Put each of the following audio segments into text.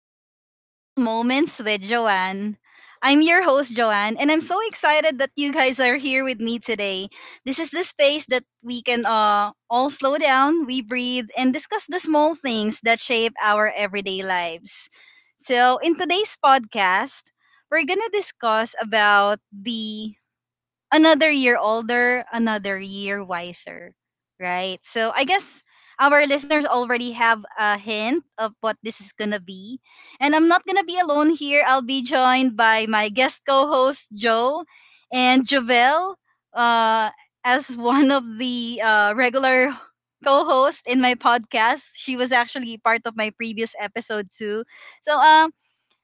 Welcome to Mindful Moments with Joanne. I'm your host, Joanne, and I'm so excited that you guys are here with me today. This is the space that we can all slow down, we breathe, and discuss the small things that shape our everyday lives. So, in today's podcast, we're gonna discuss about the another year older, another year wiser, right? So I guess our listeners already have a hint of what this is going to be. And I'm not going to be alone here. I'll be joined by my guest co host, Joe, and Jovel uh, as one of the regular co hosts in my podcast. She was actually part of my previous episode, too. So, um,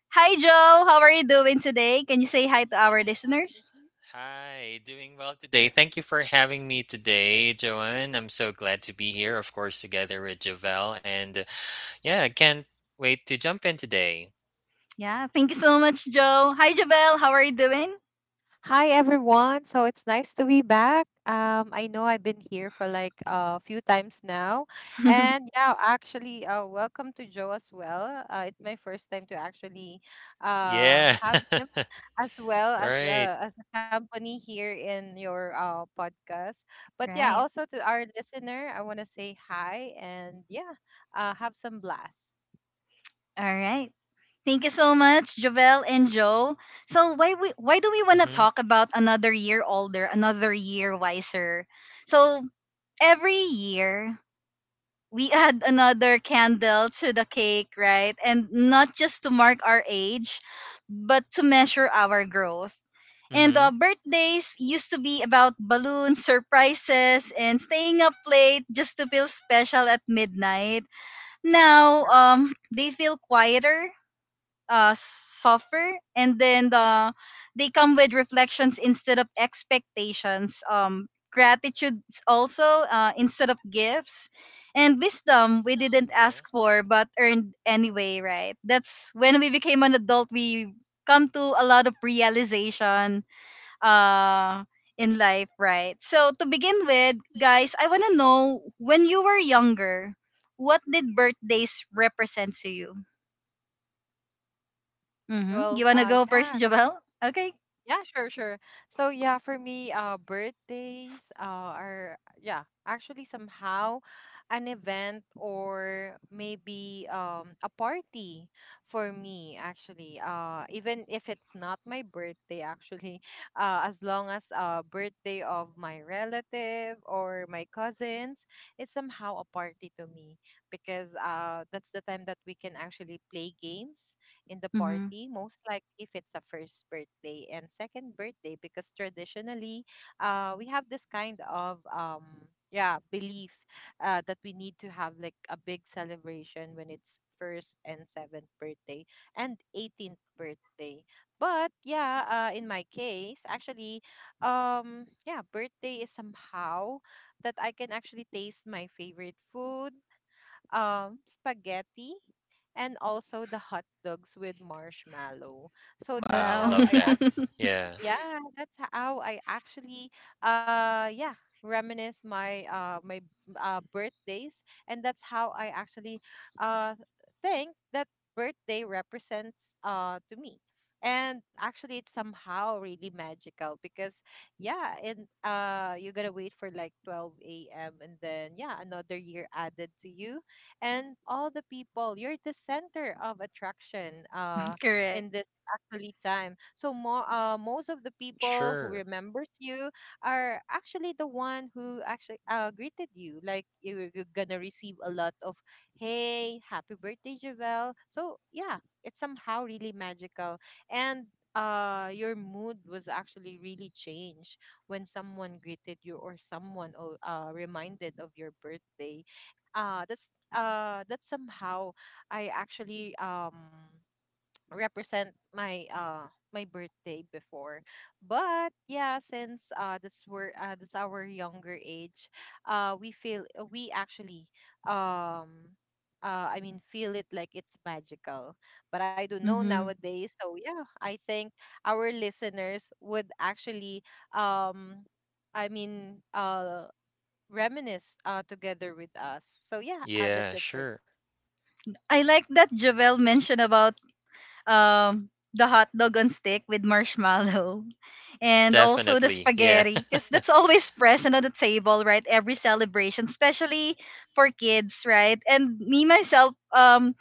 Hi Joe, how are you doing today? Can you say hi to our listeners? Hi, doing well today. Thank you for having me today, Joanne. I'm so glad to be here, of course, together with Javel. And yeah, I can't wait to jump in today. Yeah, thank you so much, Joe. Hi, Jovel. How are you doing? Hi everyone. So it's nice to be back. I know I've been here for like a few times now, and yeah, actually, welcome to Joe as well. It's my first time to actually Yeah, have him as well as right. a company here in your podcast. But yeah, Right. also to our listener, I want to say hi and yeah, have some blast. All right. Thank you so much, Jovel and Joe. So why do we want to Mm-hmm. talk about another year older, another year wiser? So every year we add another candle to the cake, right? And not just to mark our age, but to measure our growth. And Mm-hmm. Birthdays used to be about balloons, surprises, and staying up late just to feel special at midnight. Now, they feel quieter suffer and then the they come with reflections instead of expectations, gratitude also, instead of gifts, and wisdom we didn't ask Yeah. for but earned anyway, right? That's when we became an adult. We come to a lot of realization uh in life, right? So to begin with, guys, I want to know, when you were younger, what did birthdays represent to you? Mm-hmm. You Well, wanna go first, yeah, Jovel? Okay. yeah, sure, sure. So yeah, for me, birthdays, are, yeah, actually somehow an event or maybe a party for me actually. Even if it's not my birthday actually, as long as birthday of my relative or my cousins, it's somehow a party to me because that's the time that we can actually play games in the Mm-hmm. party, most likely if it's a first birthday and second birthday, because traditionally, we have this kind of, yeah, belief, that we need to have like a big celebration when it's first and seventh birthday and 18th birthday. But yeah, in my case actually, yeah, birthday is somehow that I can actually taste my favorite food, spaghetti, and also the hot dogs with marshmallow. So Wow, Wow. Love that. Yeah, that's how I actually, yeah, reminisce my birthdays, and that's how I actually uh think that birthday represents, to me. And actually, it's somehow really magical because, yeah, and you gotta wait for like 12 a.m. and then, yeah, another year added to you, and all the people, you're the center of attraction, Correct. in this actually time. So more most of the people who sure. remembers you are actually the one who actually greeted you. Like you're gonna receive a lot of, hey, happy birthday, Javel. So yeah, it's somehow really magical. And your mood was actually really changed when someone greeted you or someone reminded of your birthday. That somehow I actually, represent my birthday before. But yeah, since that's our younger age, we feel, we actually, um I mean, feel it like it's magical. But I don't know Mm-hmm. nowadays, so yeah, I think our listeners would actually, um I mean, reminisce together with us. So yeah, that's Yeah, it for me. sure. I like that Jovel mentioned about the hot dog on stick with marshmallow and also the Definitely. Yeah. spaghetti, because that's always present on the table, right? Every celebration, especially for kids, right? And me myself,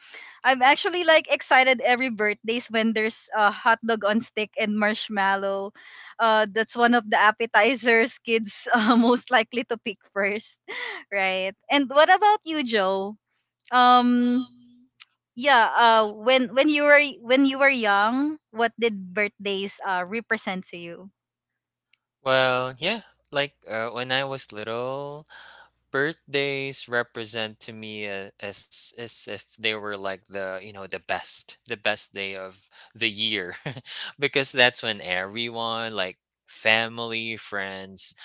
I'm actually like excited every birthdays when there's a hot dog on stick and marshmallow. That's one of the appetizers kids most likely to pick first. Right. And what about you, Joe? um yeah, when you were, when you were young, what did birthdays represent to you? Well, yeah, like when I was little, birthdays represent to me as if they were like the you know the best day of the year. Because that's when everyone, like family, friends,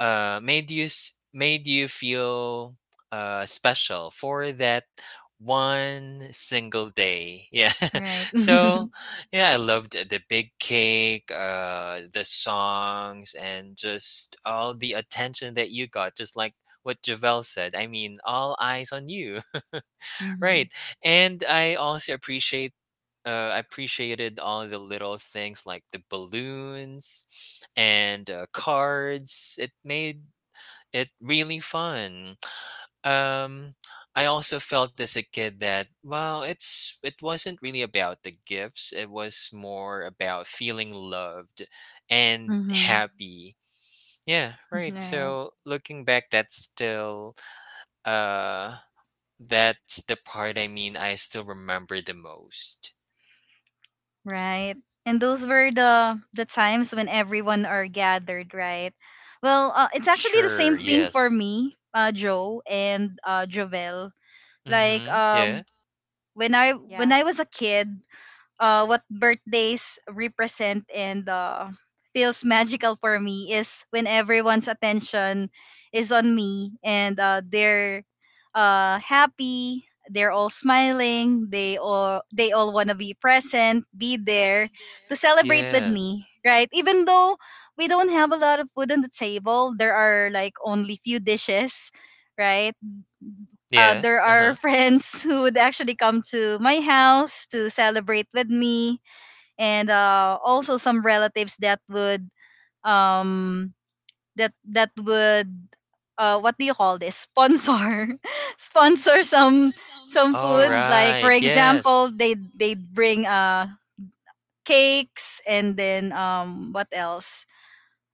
made you made you feel special for that one single day. Yeah. Right. So yeah, I loved the big cake, the songs, and just all the attention that you got. Just like what Javel said. I mean, all eyes on you. Mm-hmm. Right. And I also appreciated all the little things like the balloons and cards. It made it really fun. Um, I also felt as a kid that, well, it wasn't really about the gifts. It was more about feeling loved and Mm-hmm. happy. Yeah, right. Right. So looking back, that's still uh that's the part. I mean, I still remember the most. Right, and those were the times when everyone are gathered, right? Well, it's actually the Sure. same thing for Yes. me, Joe, and Jovel. Like Mm-hmm. Yeah. When I, when Yeah, I was a kid, what birthdays represent, and feels magical for me, is when everyone's attention is on me, and they're, happy, they're all smiling, they all want to be present, be there to celebrate with Yeah. me, right? Even though we don't have a lot of food on the table, there are like only few dishes, right? Yeah. There Uh are huh. friends who would actually come to my house to celebrate with me, and also some relatives that would, um that would, what do you call this, sponsor sponsor some All yeah. food. Like for right. Yes. example, they, they'd bring cakes, and then what else,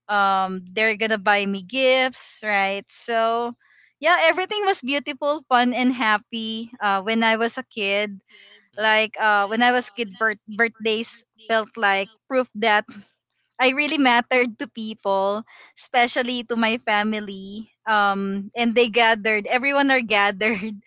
they're gonna buy me gifts, right? So yeah, everything was beautiful, fun and happy when I was a kid. Mhm. Like when I was kid, birthdays felt like proof that I really mattered to people, especially to my family. And they gathered. Everyone are gathered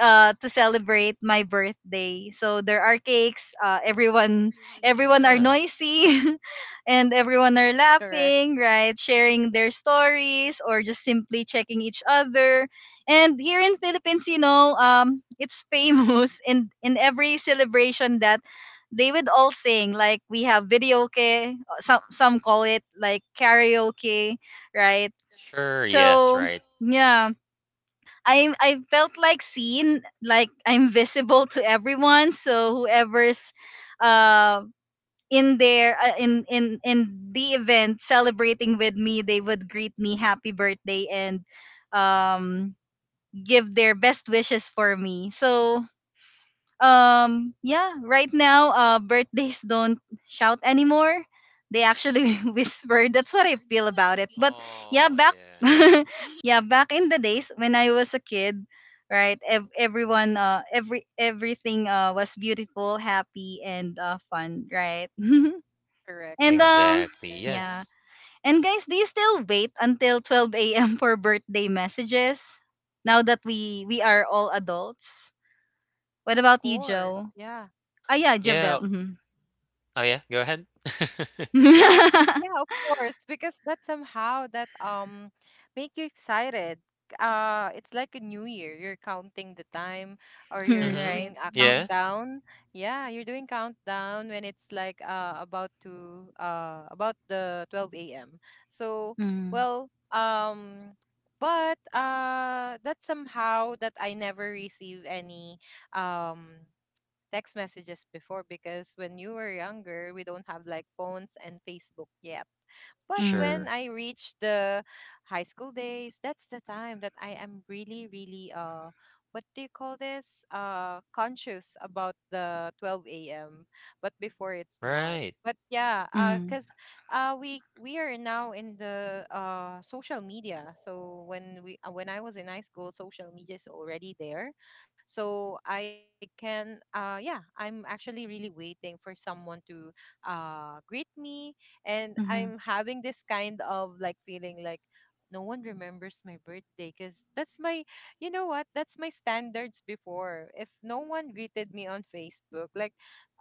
to celebrate my birthday. So there are cakes. Everyone are Yeah. noisy, and everyone are Correct, laughing, right? Sharing their stories, or just simply checking each other. And here in Philippines, you know, it's famous in every celebration, that they would all sing. Like we have video videoke, some call it like karaoke, right? Sure. Yes. So Right. yeah, I felt like seen, like I'm visible to everyone. So whoever's, uh, in there, in the event celebrating with me, they would greet me happy birthday, and um give their best wishes for me. So yeah, right now, birthdays don't shout anymore, they actually whisper, that's what I feel about it. But yeah, Oh, back yeah. yeah, back in the days when I was a kid, right? Everyone every everything was beautiful, happy and fun, right? correct, And correct, Exactly. yeah. yeah. Yes. And guys, do you still wait until 12 a.m for birthday messages, now that we are all adults? Of What about you, course. Joe? Yeah. Ah, yeah, Javel. Yeah. Mhm. Oh, yeah. Go ahead. Yes. Yeah, of course, because that somehow that, make you excited. It's like a new year. You're counting the time or you're Mm-hmm. Right. doing a Yeah. countdown. Yeah, you're doing countdown when it's like, about the 12 a.m. So, Mm, well, but, that somehow that I never receive any um text messages before, because when you were younger, we don't have like phones and Facebook yet. But when mm, Sure. I reached the high school days, that's the time that I am really, really, what do you call this? Conscious about the twelve AM. But before it's not. Right. But yeah, mm, cause, we are now in the social media. So when, we when I was in high school, social media is already there, so I can yeah, I'm actually really waiting for someone to greet me, and I'm mhm, having this kind of like feeling like no one remembers my birthday, because that's my you know what, that's my standards before. If no one greeted me on Facebook, like,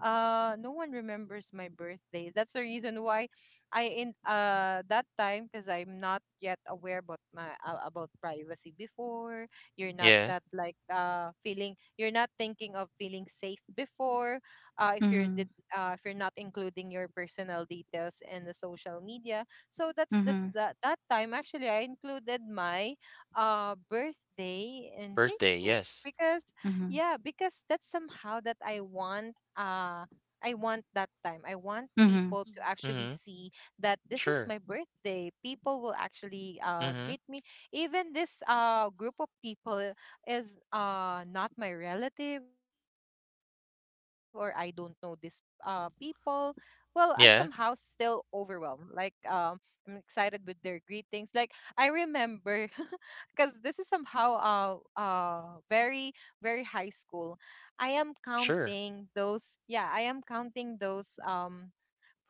no one remembers my birthday, that's the reason why I, in that time, because I'm not yet aware about, my about privacy before. You're not Yeah. that, like, feeling, you're not thinking of feeling safe before, uh if you're mhm, did if you're not including your personal details in the social media. So mhm, that that time, actually I included my birthday in Birthday. Facebook, Yes. because, mhm, yeah, because that's somehow that I want, that time, I want mhm, people to actually Mm-hmm. see that this is my Sure. birthday. People will actually, greet Mm-hmm. me, even this group of people is not my relative, or I don't know this people. Well, I'm somehow still Yeah. overwhelmed, like, I'm excited with their greetings, like, I remember because this is somehow, uh very, very high school. I am Sure. counting those, yeah, I am counting those,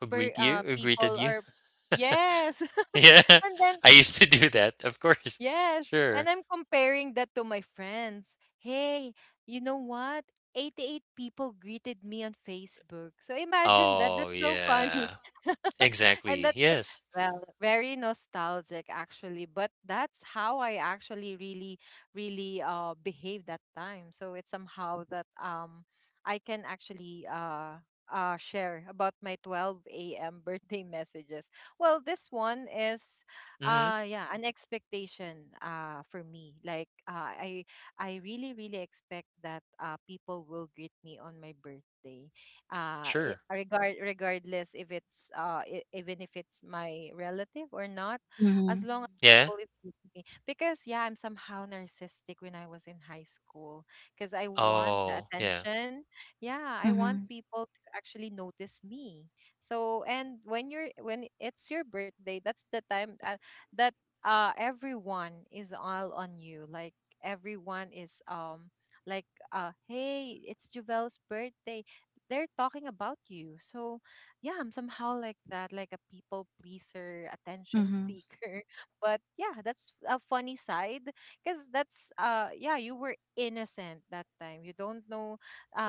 Who per greet you? Who greeted people, you? or yes. Yeah. And then, I used to do that. Of course. yes, Sure. and I'm comparing that to my friends. Hey, you know what? 88 people greeted me on Facebook. So imagine that. Oh, That's so funny. yeah. And Exactly. that's, Yes. well, very nostalgic actually, but that's how I actually really, really, behaved that time. So it's somehow that, I can actually, share about my 12 a.m. birthday messages. Well, this one is, Mm-hmm. Yeah, an expectation for me. Like, I really, really expect that people will greet me on my birthday. Uh i- Sure. regard regardless if it's, even if it's my relative or not, as mhm, long as Yeah. people is greeting me, because, yeah, I'm somehow narcissistic when I was in high school, because I want the Oh, yeah. attention. Yeah, I want mhm, people to actually notice me. So, and when it's your birthday, that's the time, that everyone is all on you, like everyone is, like, hey, it's Juvel's birthday, they're talking about you, so yeah, I'm somehow like that, like a people pleaser attention mhm, seeker. But yeah, that's a funny side, because, that's yeah, you were innocent that time, you don't know,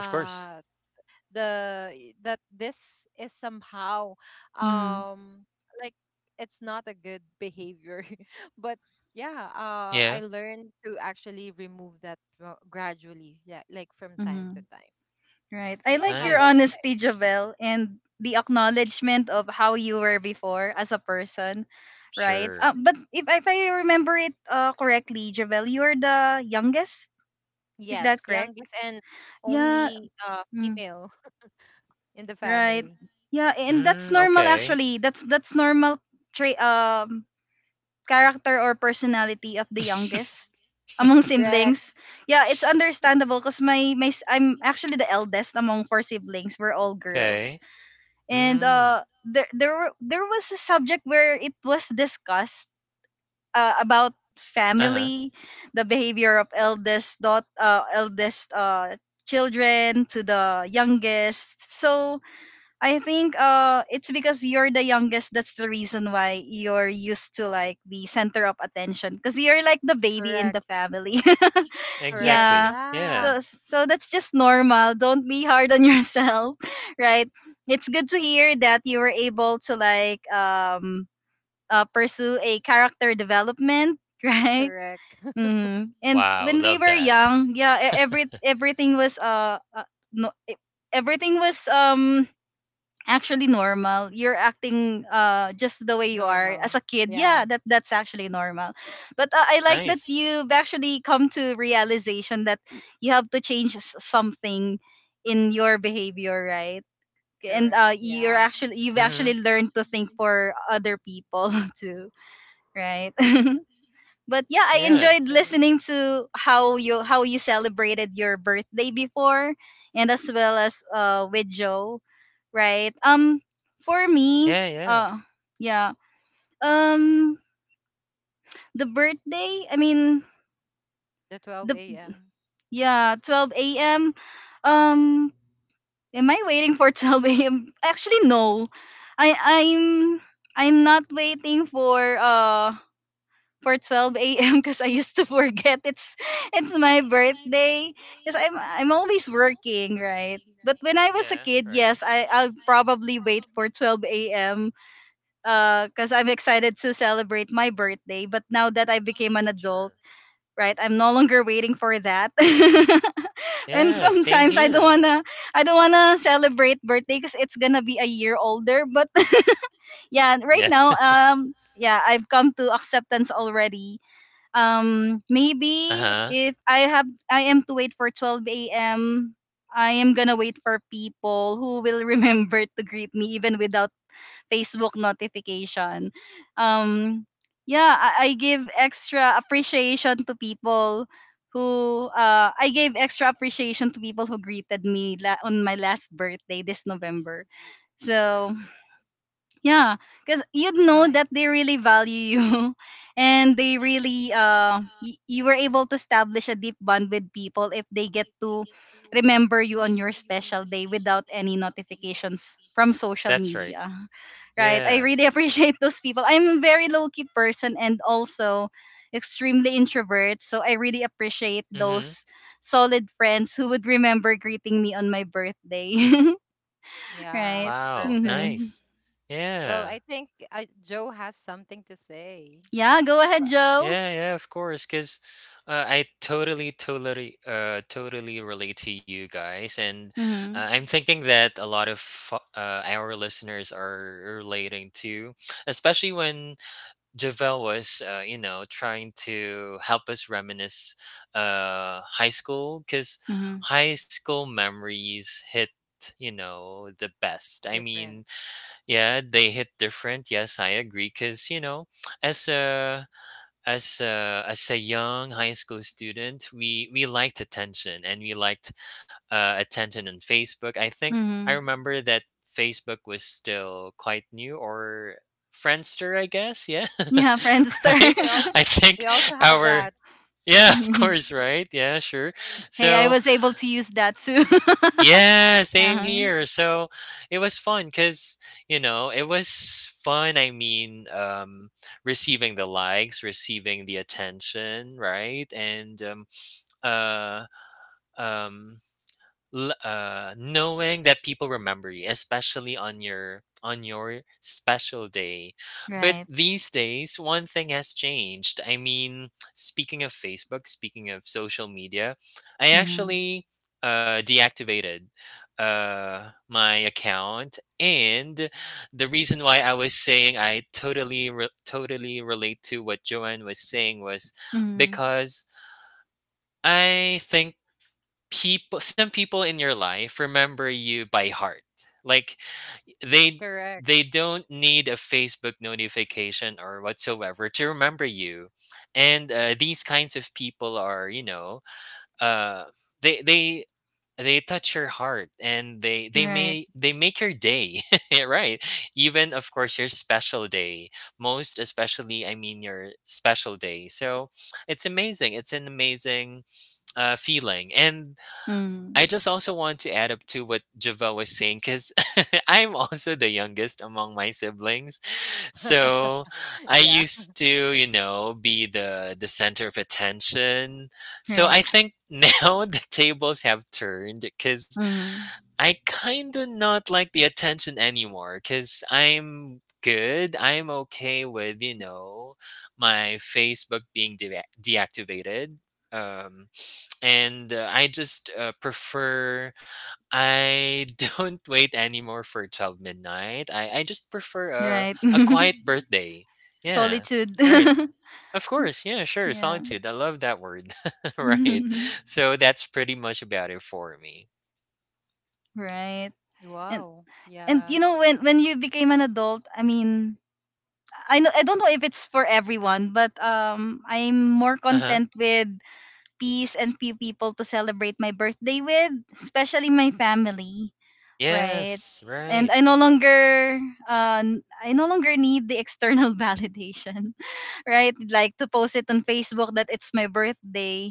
Of course. the that this is somehow, mhm, um like, it's not a good behavior. But yeah, I Yeah. learned to actually remove that, gradually, yeah, like, from time to mhm. time. Right. So I yeah, like how your about Nice. you guys? honesty, Javel, and the acknowledgement of how you were before as a person, right? Sure. But if I remember it correctly, Javel, you're the youngest. Is that Yes, correct? youngest, and Yeah. only female, in the Right. family. Yeah, and that's Mm, normal okay. actually. That's normal trait, character or personality of the youngest among Correct, siblings. Yeah, it's understandable because I'm actually the eldest among four siblings. We're all girls. Okay. And Mm, there there was a subject where it was discussed, about uh-huh, family, the behavior of eldest children to the youngest. So I think it's because you're the youngest, that's the reason why you're used to like the center of attention, cuz you're like the baby in correct, the family. correct, Yeah. exactly, yeah. yeah. So so that's just normal. Don't be hard on yourself, right? It's good to hear that you were able to like pursue a character development, right? Correct. Mm. And Wow, when we love were that. young, yeah, e- every everything was no, e- everything was actually normal. You're acting just the way you are as normal a kid. Yeah, yeah that that's actually normal. But I like Nice, that you've actually come to realization that you have to change something in your behavior, right? And correct you're yeah actually, you've mhm, actually learned to think for other people too, right? But yeah, I yeah, enjoyed correct. listening to how you celebrated your birthday before, and as well as with Joe, right? For me, yeah, yeah, uh, yeah, um, the birthday. I mean, The the 12 a.m. yeah, 12 a.m. Um, am I waiting for 12 a.m.? Actually, no. I I'm I'm not waiting for 12 a.m. because I used to forget it's my birthday, because I'm always working, right? But when I was a yeah, kid, right, yes, I'll probably wait for 12 a.m. Because I'm excited to celebrate my birthday. But now that I became an sure. adult, right, I'm no longer waiting for that. And Yeah, same sometimes I don't here. wanna I don't wanna celebrate birthday because it's gonna be a year older. But yeah, right Yeah, now, yeah, I've come to acceptance already. Maybe uh-huh, if I am to wait for 12 a.m, I am gonna wait for people who will remember to greet me even without Facebook notification. um yeah. I give extra appreciation to people who I gave extra appreciation to people who greeted me on my last birthday this November. So sure, yeah, because you'd nice know that they really value you, and they really you were able to establish a deep bond with people if they get to remember you on your special day, without any notifications from social that's right, media. Right? I yeah, really appreciate those people. I'm a very low key person, and also extremely introvert, so I really appreciate mhm, those solid friends who would remember greeting me on my birthday. Right? Yeah, wow, perfect. Mhm. nice. Well, Yeah, I think Joe has something to say. Yeah, go ahead, But Joe. yeah, yeah, of course. I totally relate to you guys, and, Mhm. I'm thinking that a lot of, our listeners are relating to, especially when Javel was, trying to help us reminisce high school, because Mhm. high school memories hit the best. I different. mean, yeah, they hit different. Yes, I agree. Because, you know, as a as a young high school student, we liked attention and we liked attention on Facebook. I think I Mhm. remember that Facebook was still quite new, or Friendster, I guess. Yeah, Yeah, Friendster. right. We also I we think also have that. our yeah, of Mhm. course, right? Yeah, sure. Hey, I So was able to use that too. yeah, same Uh-huh. here. So it was fun because, you know, it was fun. I mean, receiving the likes, receiving the attention, right? And uh, um, knowing that people remember you, especially on your special day. But Right. these days, one thing has changed. I mean, speaking of Facebook, speaking of social media, I Mhm. actually deactivated my account, and the reason why I was saying I totally relate to what Joanne was saying was Mhm. because I think people some people in your life remember you by heart. Like they Correct. they don't need a Facebook notification or whatsoever to remember you. And these kinds of people are, you know, uh, they they they touch your heart, and they they Right. may they make your day. Right. Even, of course, your special day, most especially, I mean, your special day. So it's amazing, it's an amazing feeling. And I Mhm. just also want to add up to what Javel was saying, because I'm also the youngest among my siblings. So I Yeah. used to, you know, be the center of attention. So I Right. think now the tables have turned, because Mhm. I kind of not like the attention anymore, because I'm good. I'm okay with, you know, my Facebook being deactivated. Um, and I just prefer, I don't wait anymore for 12 midnight. I just prefer a, Right. a quiet birthday. Yeah. Solitude. Right. Of course. Yeah, sure. Yeah. Solitude. I love that word. Right. So that's pretty much about it for me. Right. And Wow. and Yeah. you know when you became an adult, I mean, I know I don't know if it's for everyone, but I'm more Uh-huh. content with peace and few people to celebrate my birthday with, especially my family, right? Yes. And I Right. no longer I no longer need the external validation, right? Like to post it on Facebook that it's my birthday.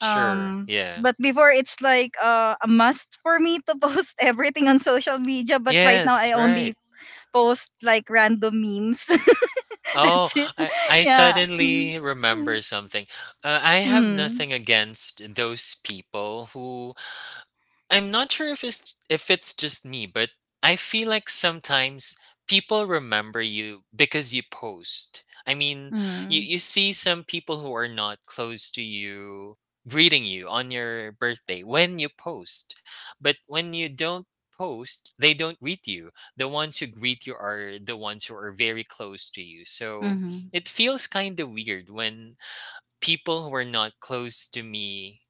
Sure. Yeah. But before it's like a must for me to post everything on social media, but right now Yes. I Right. only post like random memes. Oh, That's it. I, I Yeah. Mm-hmm. suddenly remember something. I have Mm-hmm. nothing against those people who — I'm not sure if it's just me, but I feel like sometimes people remember you because you post. I mean, you Mm-hmm. you see some people who are not close to you greeting you on your birthday when you post. But when you don't post, they don't greet you. The ones who greet you are the ones who are very close to you. So it feels kind of weird when people who are not close to me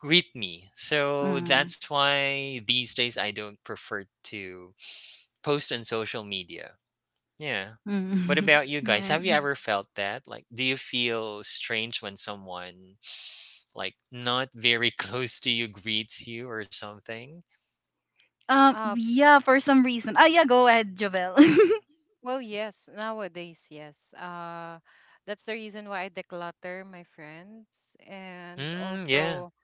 greet me. So Hmm. that's why these days I don't prefer to post on social media. Yeah. What Mm. about you guys? Right. Have you ever felt that? Like, do you feel strange when someone, like, not very close to you greets you or something? Um, Yeah. For some reason. Ah. Yeah. Go ahead, Jovel. well, yes, nowadays, yes. That's the reason why I declutter my friends, and Mm, yeah. also,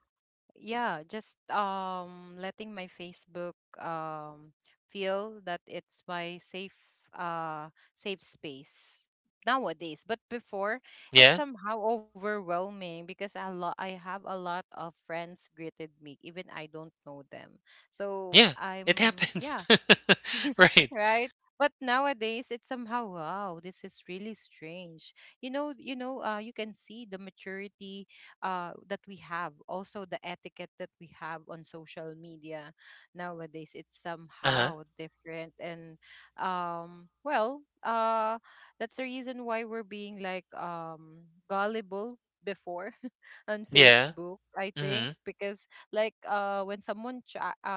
yeah, just, letting my Facebook, um feel that it's my safe, safe space nowadays. But before, Yeah. it's somehow overwhelming, because I have a lot of friends greeted me, even I don't know them, so Yeah. It I'm happens. yeah, Right. right? But nowadays, it's somehow, wow, this is really strange. You can see the maturity, that we have, also the etiquette that we have on social media nowadays. It's Uh huh. somehow different, and, well, that's the reason why we're being, like, gullible before on Yeah. Facebook. I Mm-hmm. think because, like, when someone, ch- uh,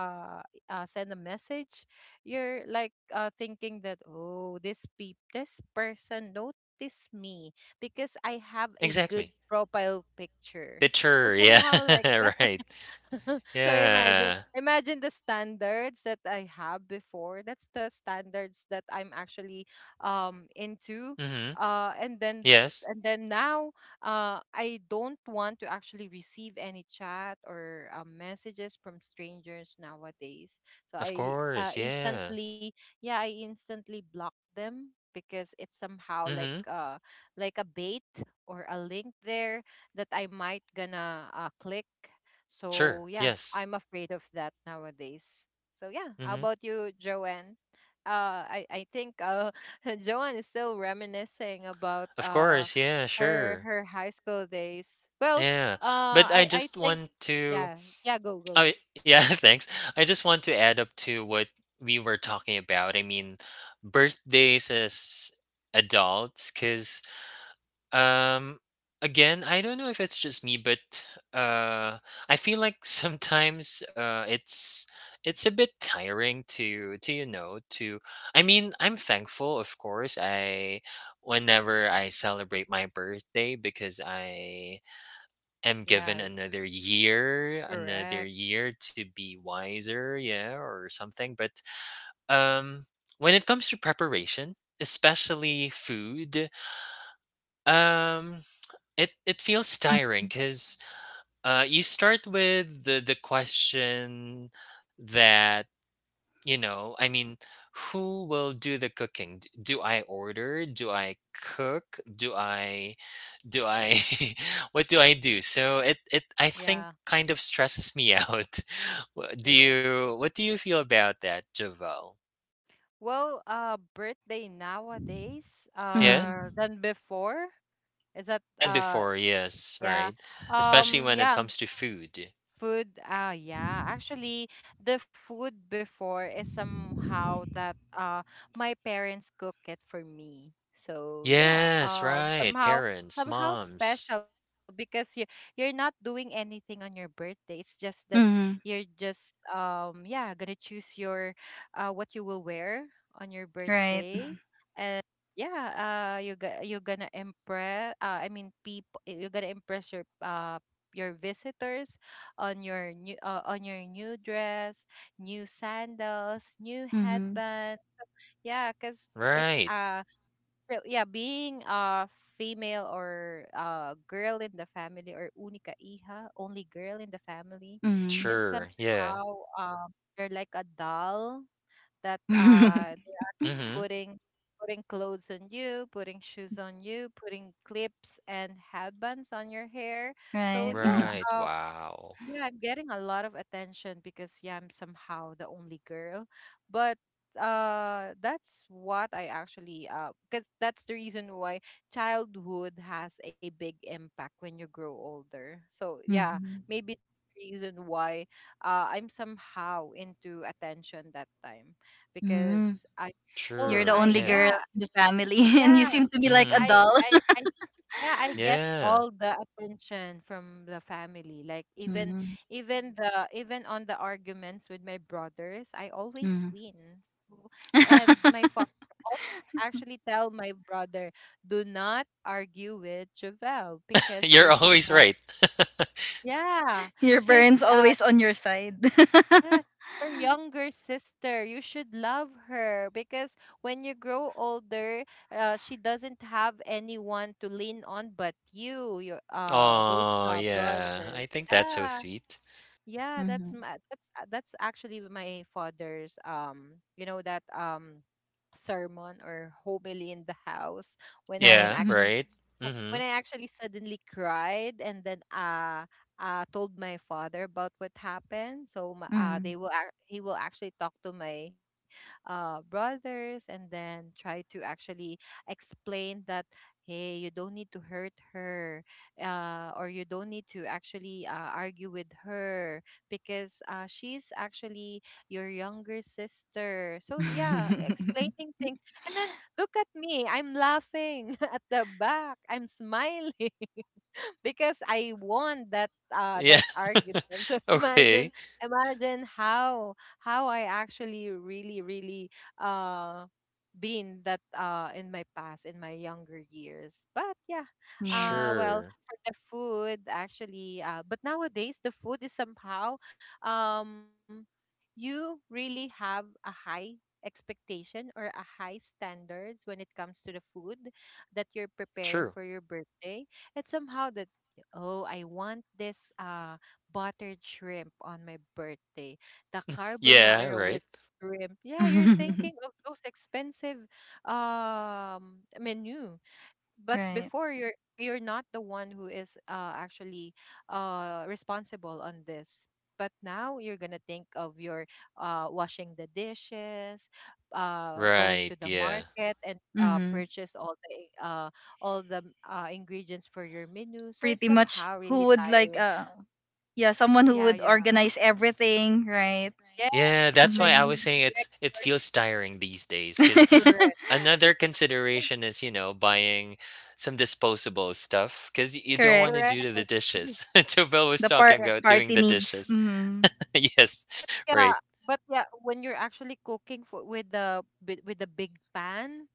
uh, send a message, you're like, thinking that, oh, this person noticed me because I have a good Exactly. profile picture. So Picture. Yeah. somehow, like. Right. So imagine Yeah. imagine the standards that I have before. That's the standards that I'm actually, into. Mm-hmm. Uh and then Yes. and then now, I don't want to actually receive any chat, or, messages from strangers nowadays. Of So I course, uh, yeah. instantly yeah, I instantly block them, because it's somehow, like Mhm. uh like a bait, or a link there that I might gonna, click. Sure. So yeah, Yes. I'm afraid of that nowadays. So yeah, how Mhm. about you, Joanne? I think, Joanne is still reminiscing about, Of course, yeah, her sure. her high school days. Well, Yeah. uh, But I I I just think, want to — yeah, yeah, go, go, oh, yeah, thanks. I just want to add up to what we were talking about. I mean, birthdays as adults, cuz Um, again, I don't know if it's just me, but uh, I feel like sometimes, it's a bit tiring to you know to. I mean, I'm thankful, of course, I whenever I celebrate my birthday, because I am given yeah, another correct, year to be wiser, yeah, or something. But um, when it comes to preparation, especially food, um it feels tiring, because you start with the question that, you know, I mean, who will do the cooking? D do I order? Do I cook? Do I what do I do? So it I think yeah, kind of stresses me out. Correct. What do you feel about that, Jovel? Well, birthday nowadays, Yeah? Mm-hmm. than before. Is that, Than before, yes, yeah, right? Especially when it yeah. comes to food. Food, ah, yeah. Actually, the food before is somehow that my parents cook it for me. So yeah, Yes, um, right, somehow parents, somehow moms. special, because you're not doing anything on your birthday. It's just that you're Mm-hmm. just, yeah, gonna choose your what you will wear on your Right. birthday, and. Yeah, you're gonna impress. I mean, people, you're gonna impress your visitors on your new dress, new sandals, new Mm-hmm. headband. Yeah, cause it's Right. So yeah, being a female or a girl in the family, or única hija, only girl in the family, Mm-hmm. is Sure. Yeah. somehow, um you're like a doll that, they're Mhm. putting putting clothes on you, putting shoes on you, putting clips and headbands on your hair. So Right. yeah, Right. Wow. yeah, I'm getting a lot of attention because, yeah, I'm somehow the only girl. But that's what I actually 'cause that's the reason why childhood has a big impact when you grow older. So yeah, Mm-hmm. maybe that's the reason why, I'm somehow into attention that time, Mm-hmm. because I You're oh the True. I only Yeah. girl yeah, in the family, and you yeah. seem to be like a Mhm. I doll. I I yeah, I get Yeah. all the attention from the family. Like even Mm-hmm. even the even on the arguments with my brothers, I always Mm-hmm. win. So, and my father always actually tell my brother, do not argue with Javelle because You're she's always right. yeah, Your she's parents always on your side. yeah, she's your younger sister. You should love her because when you grow older, she doesn't have anyone to lean on but you, your those Oh yeah. I brothers. think that's so Yeah. sweet. Yeah, Mm-hmm. that's ma- that's actually my father's you know that sermon or homily in the house when Right. I'm Yeah. actually Right. wh- Mhm. when I actually suddenly cried and then told my father about what happened. So Mm-hmm. He will actually talk to my brothers and then try to actually explain that, hey, you don't need to hurt her, or you don't need to actually argue with her because she's actually your younger sister. So yeah, explaining things. And then look at me, I'm laughing at the back. I'm smiling. because I won that uh Yeah. that argument. So imagine, Okay. imagine how I actually really really uh been that in my past in my younger years. But yeah. Right. Uh Sure. well for the food actually but nowadays the food is somehow, um you really have a high expectation or a high standards when it comes to the food that you're preparing True. for your birthday. It's somehow that, oh, I want this buttered shrimp on my birthday. The Yeah. carbonara with Right. shrimp. Yeah, you're thinking of those expensive menu, but Right. before you're not the one who is actually responsible on this, but now you're gonna think of your washing the dishes, going to Right. the Yeah. market and Mm-hmm. purchase all the uh, all the ingredients for your menu, so it's Pretty much. somehow Who really would like tiring. Yeah, someone who yeah would yeah organize everything, right? yes, Yeah. That's why like, I Hmm. was saying it's correct, it feels tiring these days, because correct, another and consideration is, you know, buying some disposable stuff because you don't Correct. wanna correct. do the dishes. Jovel was The talking par- Correct. about doing party the needs. dishes. Hmm. Yes, right. Yeah, but yeah, when you're actually cooking for with with the big pan,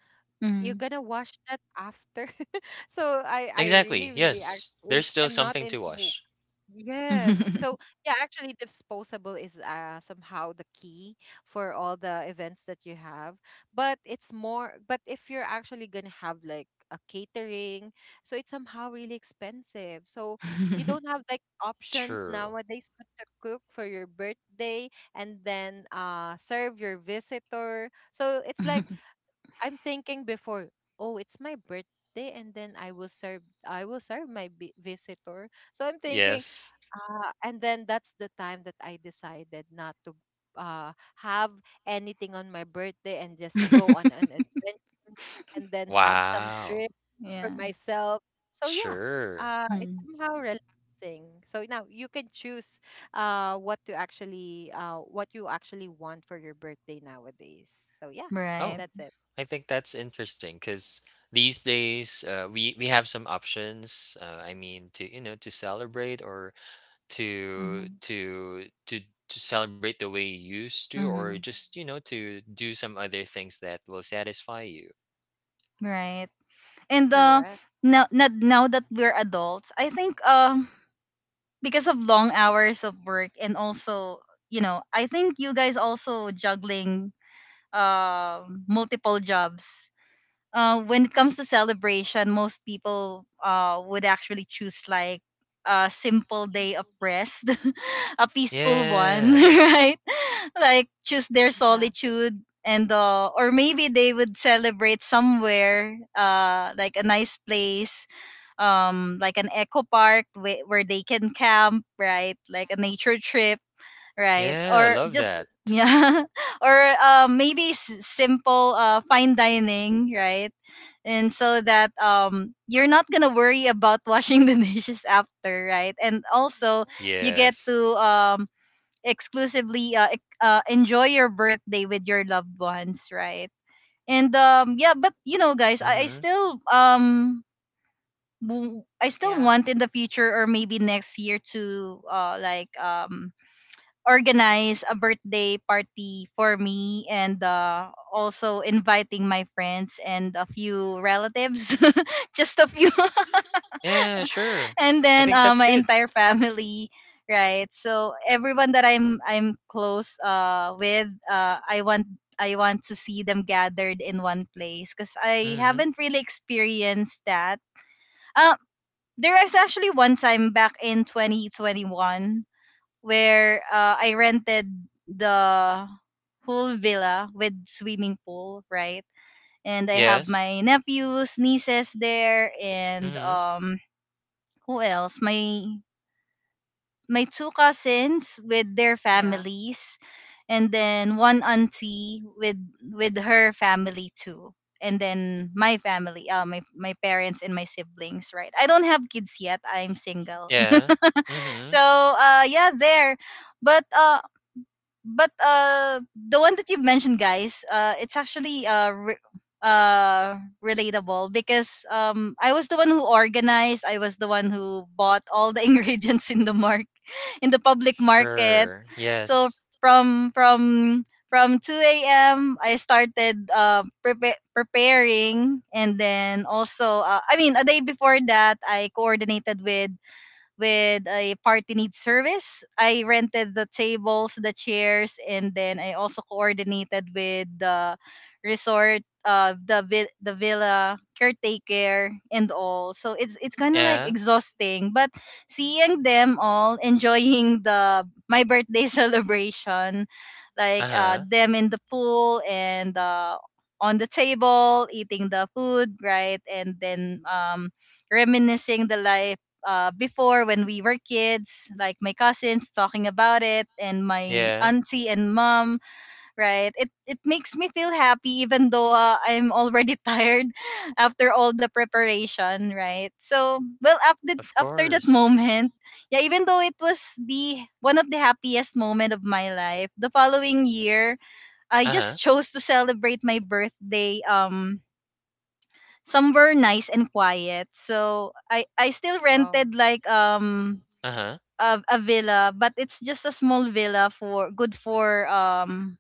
you're Hmm. gonna wash that after. So I Exactly, really really yes. There's still I'm not something to into, wash. yes. So yeah, actually disposable is somehow the key for all the events that you have. But it's more but if you're actually gonna have like a catering, so it's somehow really expensive. So you don't have like options True. nowadays but to cook for your birthday and then serve your visitor. So it's like, I'm thinking before, oh, it's my birthday, and then I will serve my visitor. So I'm thinking, Yes. And then that's the time that I decided not to have anything on my birthday and just go on an adventure and then have some Wow. trip for Yeah. myself. So yeah, Sure. It's Mhm. somehow relaxing. So now you can choose what to actually, what you actually want for your birthday nowadays. So yeah, Oh, Right. that's it. I think that's interesting, because these days, we have some options, I mean, to, you know, to celebrate, or to Hmm. to to to celebrate the way you used to, or Hmm. just, to do some other things that will satisfy you. Right. And Correct. Now that we're adults, I think because of long hours of work and also, you know, I think you guys also juggling multiple jobs when it comes to celebration, most people would actually choose like a simple day of rest, a peaceful one, Yeah. right? Like choose their Yeah, solitude, and or maybe they would celebrate somewhere like a nice place, like an eco park where they can camp, right? Like a nature trip, right? Yeah, Or love just that. yeah, or maybe simple fine dining, right? And so that you're not gonna worry about washing the dishes after, right? And also you get Yes. to exclusively enjoy your birthday with your loved ones, right? And yeah, but you know guys, I Mm-hmm. still I still yeah, want, in the future or maybe next year, to like organize a birthday party for me, and also inviting my friends and a few relatives, just a few, Yeah, sure. and I then think that's my good. entire family, right? So everyone that I'm close with, I want, I want to see them gathered in one place, because I Mm-hmm. haven't really experienced that. uh, there is actually one time, back in 2021, where I rented the whole villa with swimming pool, right? And I have Yes. my nephews, nieces there, and Mm-hmm. Who else? My two cousins with their yeah. families, and then one auntie with her family too, and then my family, my my parents and my siblings, right? I don't have kids yet. I'm single, Yeah. Mm-hmm. so yeah, there. But uh, but the one that you mentioned guys, it's actually uh relatable, because I was the one who organized, I was the one who bought all the ingredients in the mark in the public market. Sure. So Yes. from from from 2 a.m. I started preparing, and then also I mean a day before that I coordinated with a party needs service. I rented the tables, the chairs, and then I also coordinated with the resort, the villa caretaker and all. So it's kind of like Yeah. exhausting, but seeing them all enjoying the my birthday celebration, like Uh-huh. Them in the pool, and on the table eating the food, right, and then reminiscing the life before when we were kids, like my cousins talking about it and my Yeah, auntie and mom, right? It makes me feel happy, even though I'm already tired after all the preparation, right? So, well, after of after that course. moment, yeah, even though it was the one of the happiest moment of my life, the following year, I just Uh-huh. chose to celebrate my birthday somewhere nice and quiet. So I still rented Oh, like Uh-huh. of a villa, but it's just a small villa for good for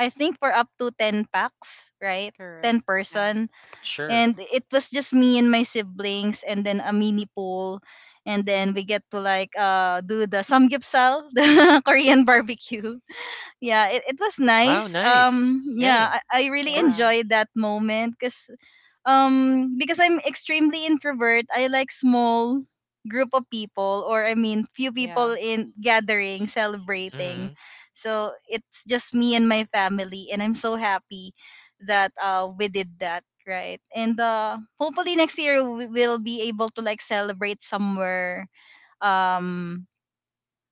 I think for up to 10 packs, right? 10 correct. Yeah, person. Sure. And it was just me and my siblings and then a mini pool, and then we get to like do the samgyeopsal, the Korean barbecue. Yeah, it was Wow, nice. nice. Yeah, Yeah, of I really yeah, course. enjoyed that moment, cuz because I'm extremely introvert, I like small group of people, or I mean few yeah, people in gathering, celebrating. Mm-hmm. So it's just me and my family, and I'm so happy that we did that, right? And hopefully next year we will be able to like celebrate somewhere um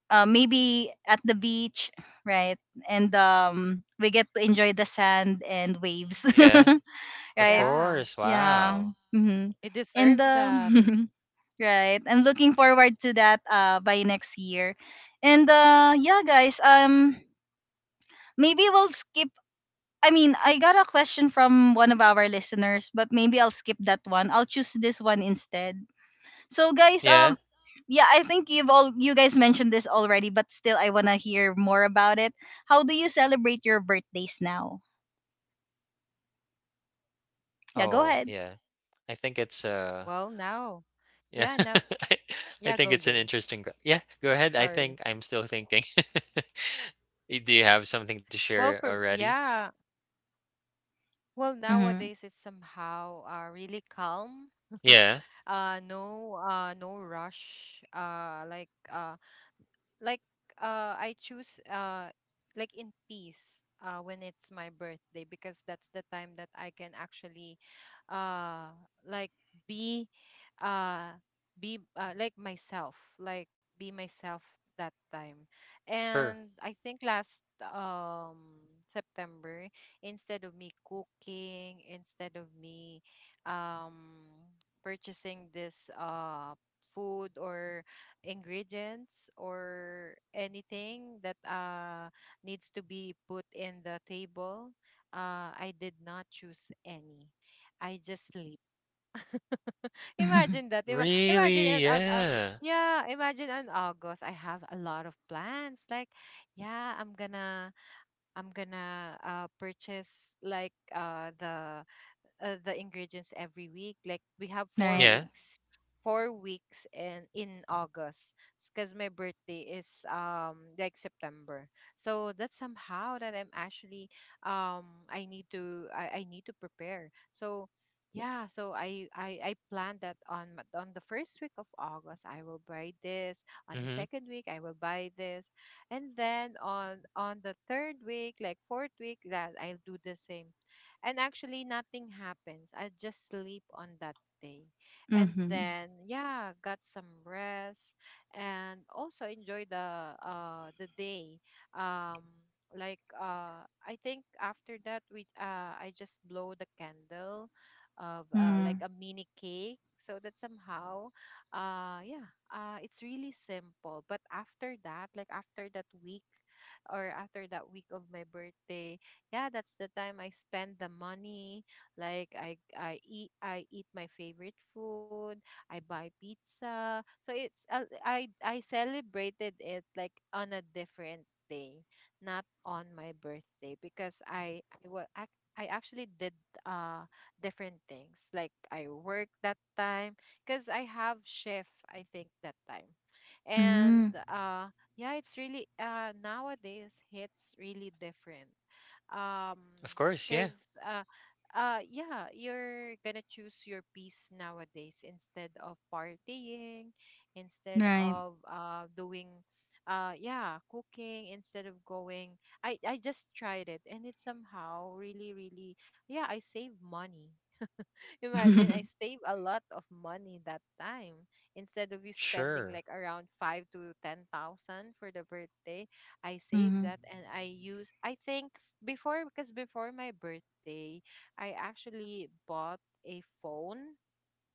maybe at the beach, right? And we get to enjoy the sand and waves. Yeah, of Right? yeah. course. Yeah. Wow. Hmm. It And deserved that. right. I'm looking forward to that by next year. And yeah guys, maybe we'll skip, I mean, I got a question from one of our listeners, but maybe I'll skip that one. I'll choose this one instead. So guys, Yeah? Yeah, I think you've all you guys mentioned this already, but still I want to hear more about it. How do you celebrate your birthdays now? Yeah, go Oh, ahead. Well, yeah. now, I think it's, yeah, now, yeah, yeah. Gojo. I I think it's an Sorry. interesting g yeah, go ahead. I think I'm still thinking. Y Well, do you for have something to yeah, share already? well, nowadays it's Mhm. somehow really calm. Yeah, no rush. Like I choose like in peace when it's my birthday because that's the time that I can actually uh like be uh be like myself, like be myself that time. sure. And I think last September, instead of me cooking, instead of me um, purchasing this food or ingredients or anything that needs to be put in the table, I did not choose any. I just imagine that. Imagine Really? an Yeah. yeah, imagine on August I have a lot of plans. Like, yeah, I'm gonna purchase like the ingredients every week. Like we have All four right. Yeah. weeks, 4 weeks in August because my birthday is like September. So that's somehow that I'm actually, I need to, I need to prepare. So yeah, so I planned that on on the first week of August I will buy this. On the Mhm. second week I will buy this, and then on the third week, like fourth week, that I'll do the same. And actually nothing happens, I just sleep on that day, and Mhm. then yeah, got some rest and also enjoy the day. um I think after that we I just blow the candle of Mm. like a mini cake, so that somehow yeah it's really simple. But after that, like after that week or after that week of my birthday, yeah, that's the time I spend the money. Like I eat, I eat my favorite food, I buy pizza. So it's I celebrated it like on a different day, not on my birthday, because I actually did uh different things, like I worked that time because I have shift I think that time. And Mm. Yeah, it's really nowadays hits really different. um Of course, yeah. because yeah, you're gonna choose your peace nowadays instead of partying, instead Right. of doing, yeah, cooking, instead of going. I just tried it and it somehow really really, yeah, I save money. Imagine I Mm-hmm. save a lot of money that time. Instead of you spending Sure. like around 5 to 10 thousand for the birthday, I save that and I use, I think before, because before my birthday, I actually bought a phone.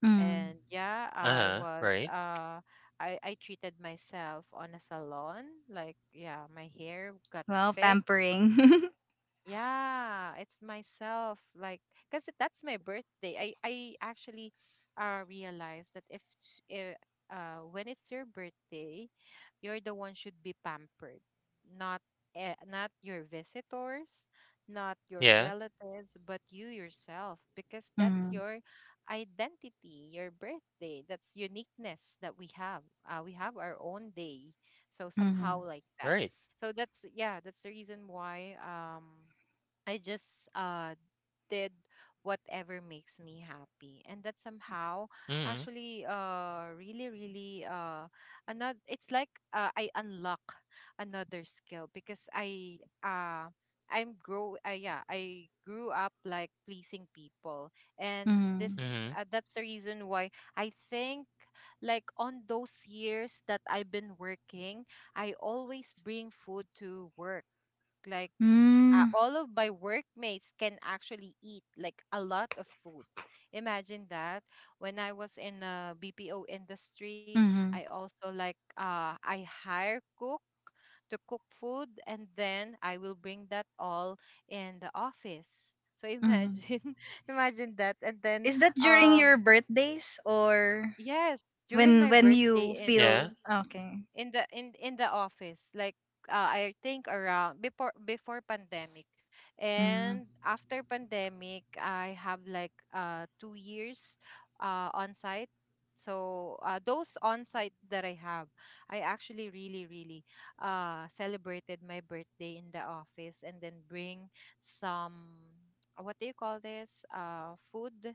Mm. And yeah, I Uh-huh. was Right. I treated myself on a salon. Like yeah, my hair got Well, fixed, pampering. yeah, it's myself. Like, because that's my birthday. I actually realized that, if s- eh, when it's your birthday, you're the one should be pampered, not not your visitors, not your Yeah. relatives, but you yourself, because that's Mm-hmm. your identity, your birthday. That's uniqueness that we have. We have our own day. So somehow Mm-hmm. like that. Right. So that's, yeah, that's the reason why, I just did whatever makes me happy. And that somehow Mhm. actually really really another, it's like, I unlock another skill because I I'm grow yeah, I grew up like pleasing people. And Mm-hmm. this Mhm. That's the reason why I think like on those years that I've been working, I always bring food to work. Like Mm-hmm. all of my workmates can actually eat like a lot of food. Imagine that. When I was in a BPO industry, I Mm-hmm. also like I hire cook to cook food, and then I will bring that all in the office. So imagine, imagine that. And then, Is that during um your birthdays, or yes, during my when birthday, you in Yeah. feel okay? In the office, like I think around before, before pandemic and Mm-hmm. after pandemic, I have like 2 years on site. So those on site that I have, I actually really really celebrated my birthday in the office and then bring some, what do you call this, food.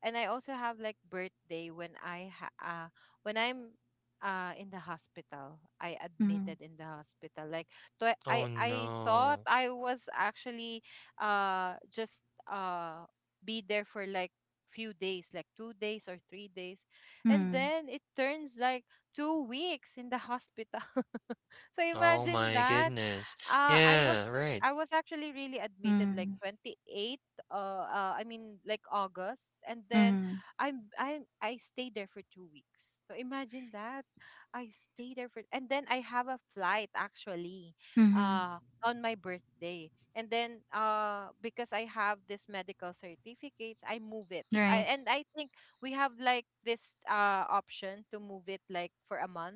And I also have like birthday when I'm in the hospital. I Mm-hmm. admitted in the hospital. Like, Oh, I thought no. I was actually just uh be there for like few days, like 2 days or 3 days. And Mm-hmm. then it turns like 2 weeks in the hospital. So Oh imagine my that. goodness. I was, Yeah, right. I was actually really admitted like 28th. I mean like August. And then Mm-hmm. I stayed there for 2 weeks. So imagine that. I stay there for, and then I have a flight actually Mm-hmm. On my birthday. And then because I have this medical certificates, I move it. Right. And I think we have like this option to move it like for a month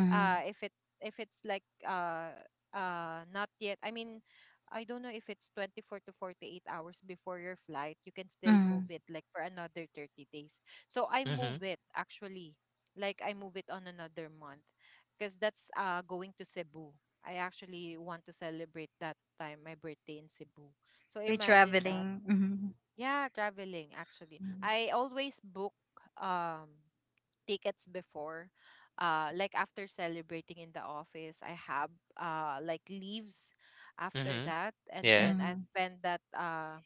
if it's like not yet, I mean, I don't know if it's 24 to 48 hours before your flight, you can still move Mm-hmm. it like for another 30 days. So I move Mhm. it actually, like I move it on another month, because that's going to Cebu. I actually want to celebrate that time my birthday in Cebu. So By imagine that. traveling. Mm-hmm. Yeah, traveling, actually I always book um tickets before. Like after celebrating in the office, I have like leaves after Mhm. that, and Yeah. then I Mm-hmm. spend that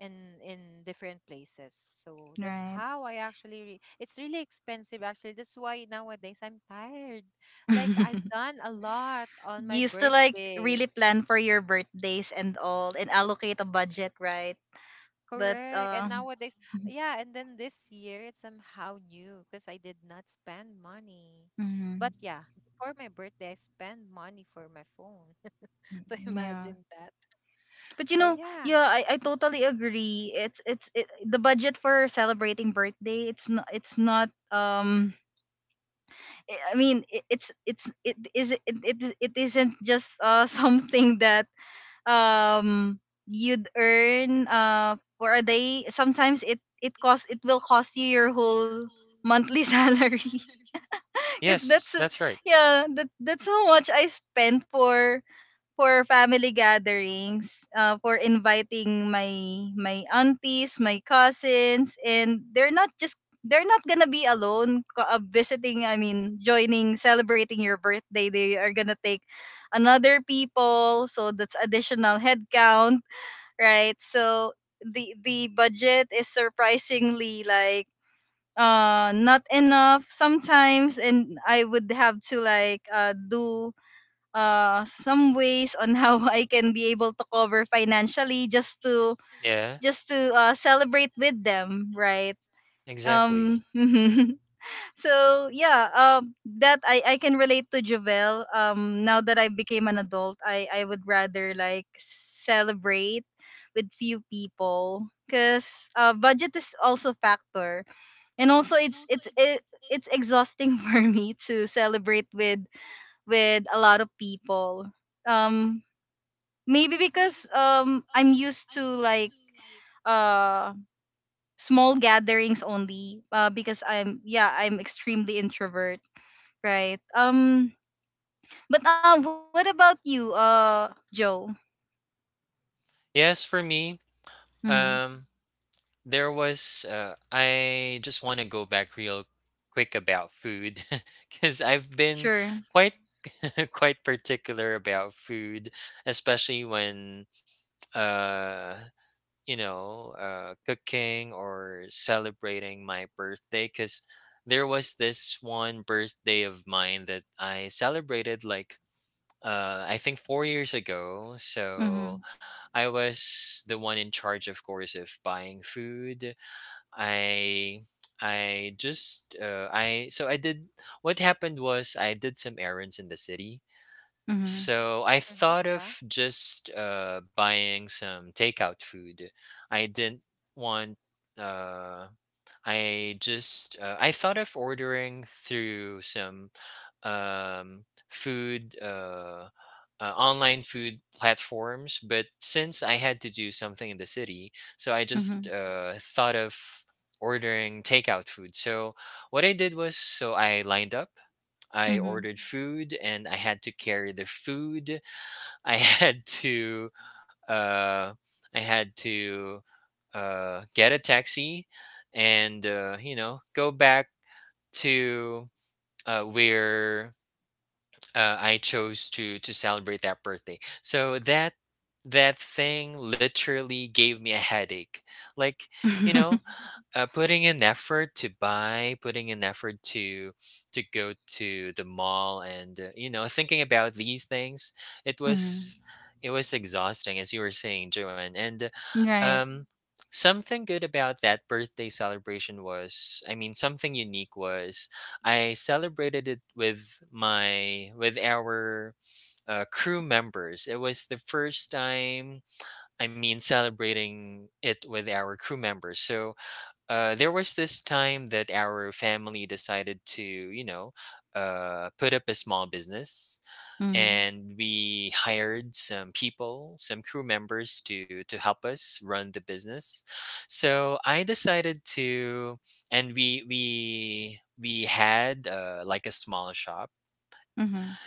in different places. So that's Right. how I actually. It's really expensive actually. That's why nowadays I'm tired. Like I've done a lot on my You used to like birthday. really plan for your birthdays and all, and allocate a budget, right? But Correct. And nowadays, yeah, and then this year it's somehow new because I did not spend money. But mhm, yeah, before my birthday, I spend money for my phone. So mm, imagine yeah. that. But So you know, yeah. yeah, I totally agree. It's it, the budget for celebrating birthday. It's not, it's not. I mean, it, it's it is it, it isn't just something that um you'd earn for a day. Sometimes it will cost you your whole monthly salary. Cause Yes, that's that's right. yeah, that's how much I spent for family gatherings, for inviting my my aunties, my cousins, and they're not just, they're not gonna be alone visiting. I mean, joining celebrating your birthday. They are gonna take another people, so that's additional headcount, right? So the budget is surprisingly like not enough sometimes, and I would have to like do some ways on how I can be able to cover financially, Yeah. just to celebrate with them, right? Exactly. Um so yeah, that I can relate to Jovel. Um now that I became an adult, I would rather like celebrate with few people, because budget is also factor, and also it's it, it's exhausting for me to celebrate with a lot of people, um maybe because I'm used to like uh small gatherings only, because I'm, yeah, I'm extremely introvert, right? Um but what about you, Joe? Yes, for me, um, Hmm. there was — I just want to go back real quick about food because I've been Sure. quite quite particular about food, especially when uh cooking or celebrating my birthday, because there was this one birthday of mine that I celebrated like, I think 4 years ago. So Mm-hmm. I was the one in charge, of course, of buying food. I I just I so I did what happened was, I did some errands in the city. Hmm. So I Hmm. thought Yeah. of just buying some takeout food. I didn't want uh I just I thought of ordering through some um, food online food platforms, but since I had to do something in the city, so I just Hmm. Thought of ordering takeout food. So what I did was, so I lined up. I Hmm. ordered food and I had to carry the food. I uh, had to get a taxi and go back to where I chose to celebrate that birthday. So that thing literally gave me a headache. Like, you know, putting in effort to buy, putting in effort to go to the mall, and you know, thinking about these things, it Hmm. was it was exhausting, as you were saying, Joanne. And uh, Right. um, something good about that birthday celebration was, I mean, something unique was, I celebrated it with my with our crew members. It was the first time, I mean, celebrating it with our crew members. So there was this time that our family decided to, put up a small business, Hmm. and we hired some people, some crew members to help us run the business. So I decided to, and we had like a small shop. Hmm.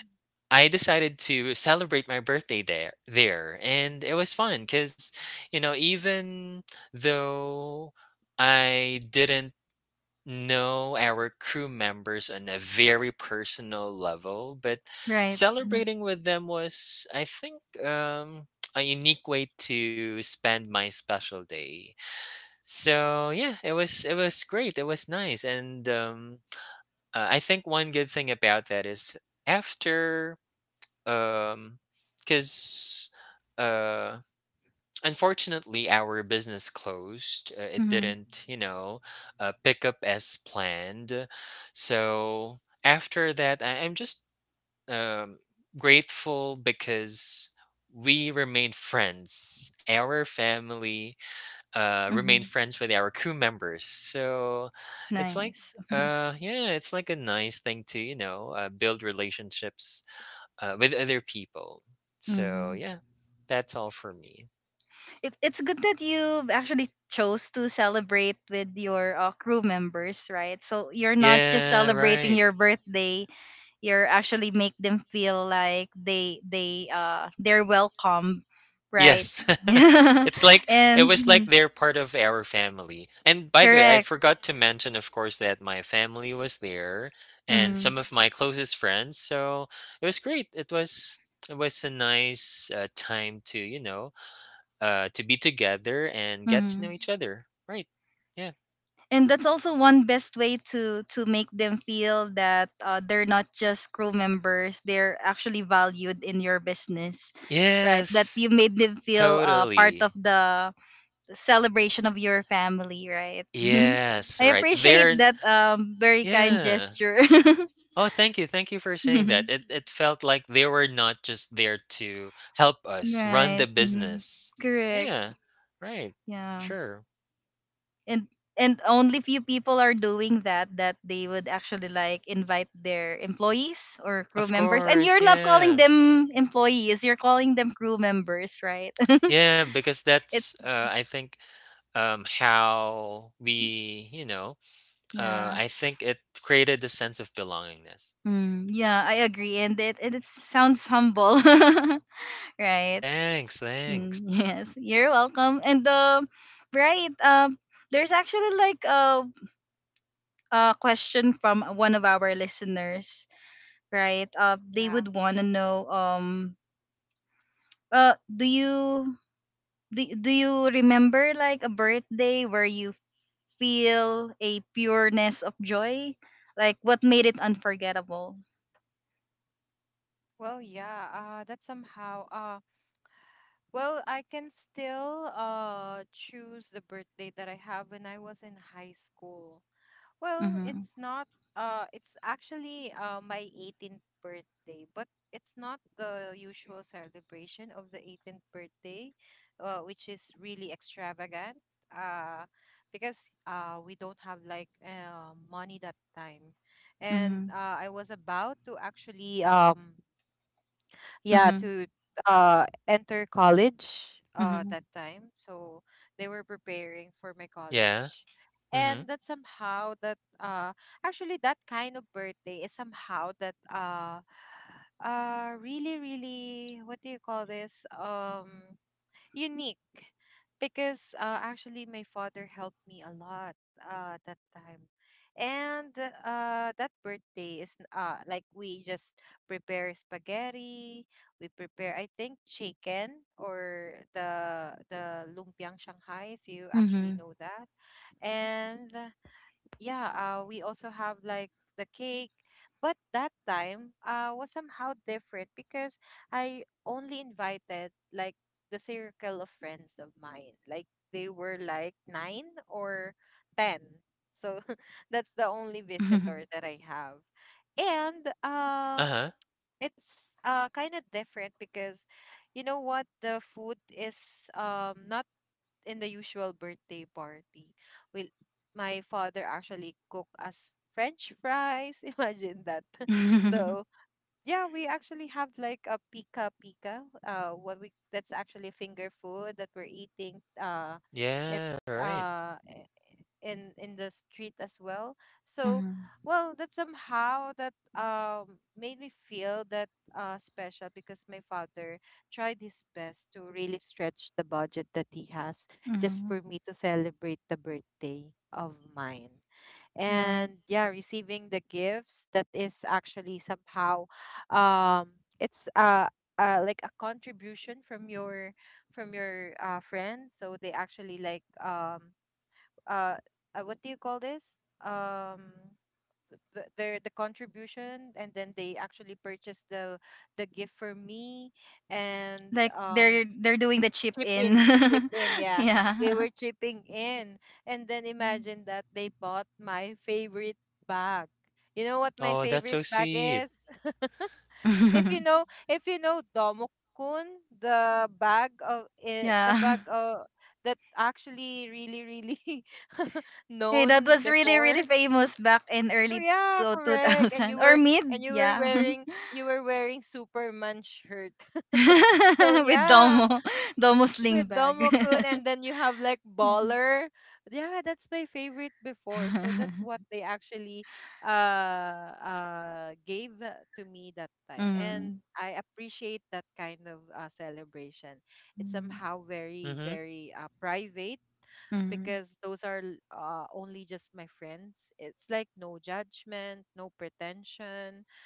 I decided to celebrate my birthday there, and it was fun because, even though I didn't know our crew members on a very personal level, but Right. celebrating with them was, I think, a unique way to spend my special day. So yeah, it was great. It was nice, and I think one good thing about that is after, um, because unfortunately, our business closed. It Mm-hmm. didn't, pick up as planned. So after that, I'm just um, grateful because we remained friends. Our family remained Hmm. friends with our crew members. So it's like, Nice. Mhm. Yeah, it's like a nice thing to, build relationships with other people. So Mhm. yeah, that's all for me. It, it's good that you actually chose to celebrate with your crew members, right? So you're not just Yeah, celebrating right. your birthday; you're actually make them feel like they they're welcome, right? Yes. And It's like it was like mhm, they're part of our family. And by the way, I correct. forgot to mention, of course, that my family was there and Mm-hmm. some of my closest friends. So it was great. It was a nice time to be together and get to know Mm-hmm. each other. Right. Yeah. And that's also one best way to make them feel that they're not just crew members, they're actually valued in your business, right? That Yes. you made them feel part Totally. of the celebration of your family, right? Yes. I Right. appreciate They're that very kind yeah. gesture. Oh, thank you. Thank you for saying that. It felt like they were not just there to help us run the Right. Mhm. business. Correct. Yeah, right. Yeah. Sure. and and only few people are doing that, that they would actually like invite their employees or crew Of members, and course, you're not calling yeah. them employees, you're calling them crew members, right? Yeah, because that's It's, I think how we, yeah, I think it created a sense of belongingness. mm, yeah, I agree, and it sounds humble. Right. Thanks, thanks. Mm, yes, you're welcome. And right, there's actually like a question from one of our listeners, right? They Yeah. would want to know do you, do you remember like a birthday where you feel a pureness of joy, like what made it unforgettable? Well, yeah, that somehow well, I can still choose the birthday that I have when I was in high school. Well, it's Mhm. not it's actually my 18th birthday, but it's not the usual celebration of the 18th birthday, which is really extravagant. Uh because we don't have like money that time. And Mhm. I was about to actually yeah Mhm. to enter college Mhm. that time, so they were preparing for my Yeah. college. Mhm. And that somehow that actually that kind of birthday is somehow that really really, what do you call this, unique, because actually my father helped me a lot that time. And that birthday is like we just prepare spaghetti. We prepare, I think, chicken or the lumpiang Shanghai, if you actually Mhm. know that. And yeah, we also have like the cake, but that time was somehow different because I only invited like the circle of friends of mine. Like they were like nine or ten. So that's the only Mhm. visitor that I have. And Uh-huh. it's kind of different because, you know, what the food is not in the usual birthday party. Will my father actually cook us French fries? Imagine that. Mhm. So yeah, we actually have like a pika pika. What we that's actually finger food that we're eating. It Yeah, right. In the street as well, so well, that somehow that made me feel that special because my father tried his best to really stretch the budget that he has just Mhm. for me to celebrate the birthday of mine. Right. And yeah, receiving the gifts that is actually somehow, it's like a contribution from your friend. So they actually like uh, what do you call this? Um, the the contribution, and then they actually purchased the gift for me. And Like they're doing the chip chip in, chip in. in, yeah. They Yeah. were chipping in, and then Mm. imagine that they bought my favorite bag. You know what my Oh, that's so favorite bag sweet. is? If you know Domokun, the bag of the Yeah. bag that actually really really Hey, that known was really really before. famous back in Oh early yeah, correct. And you 2000 or were and mid, you were yeah. wearing, you were wearing Superman shirt. So With yeah, Domo, Domo sling with bag. Domokun, and then you have like Yeah. Baller. Yeah, that's my favorite before. So that's what they actually gave to me that time. And Mhm, I appreciate that kind of celebration. It's mhm, somehow very Mhm. very private, mhm. because those are only just my friends. It's like no judgment, no pretension,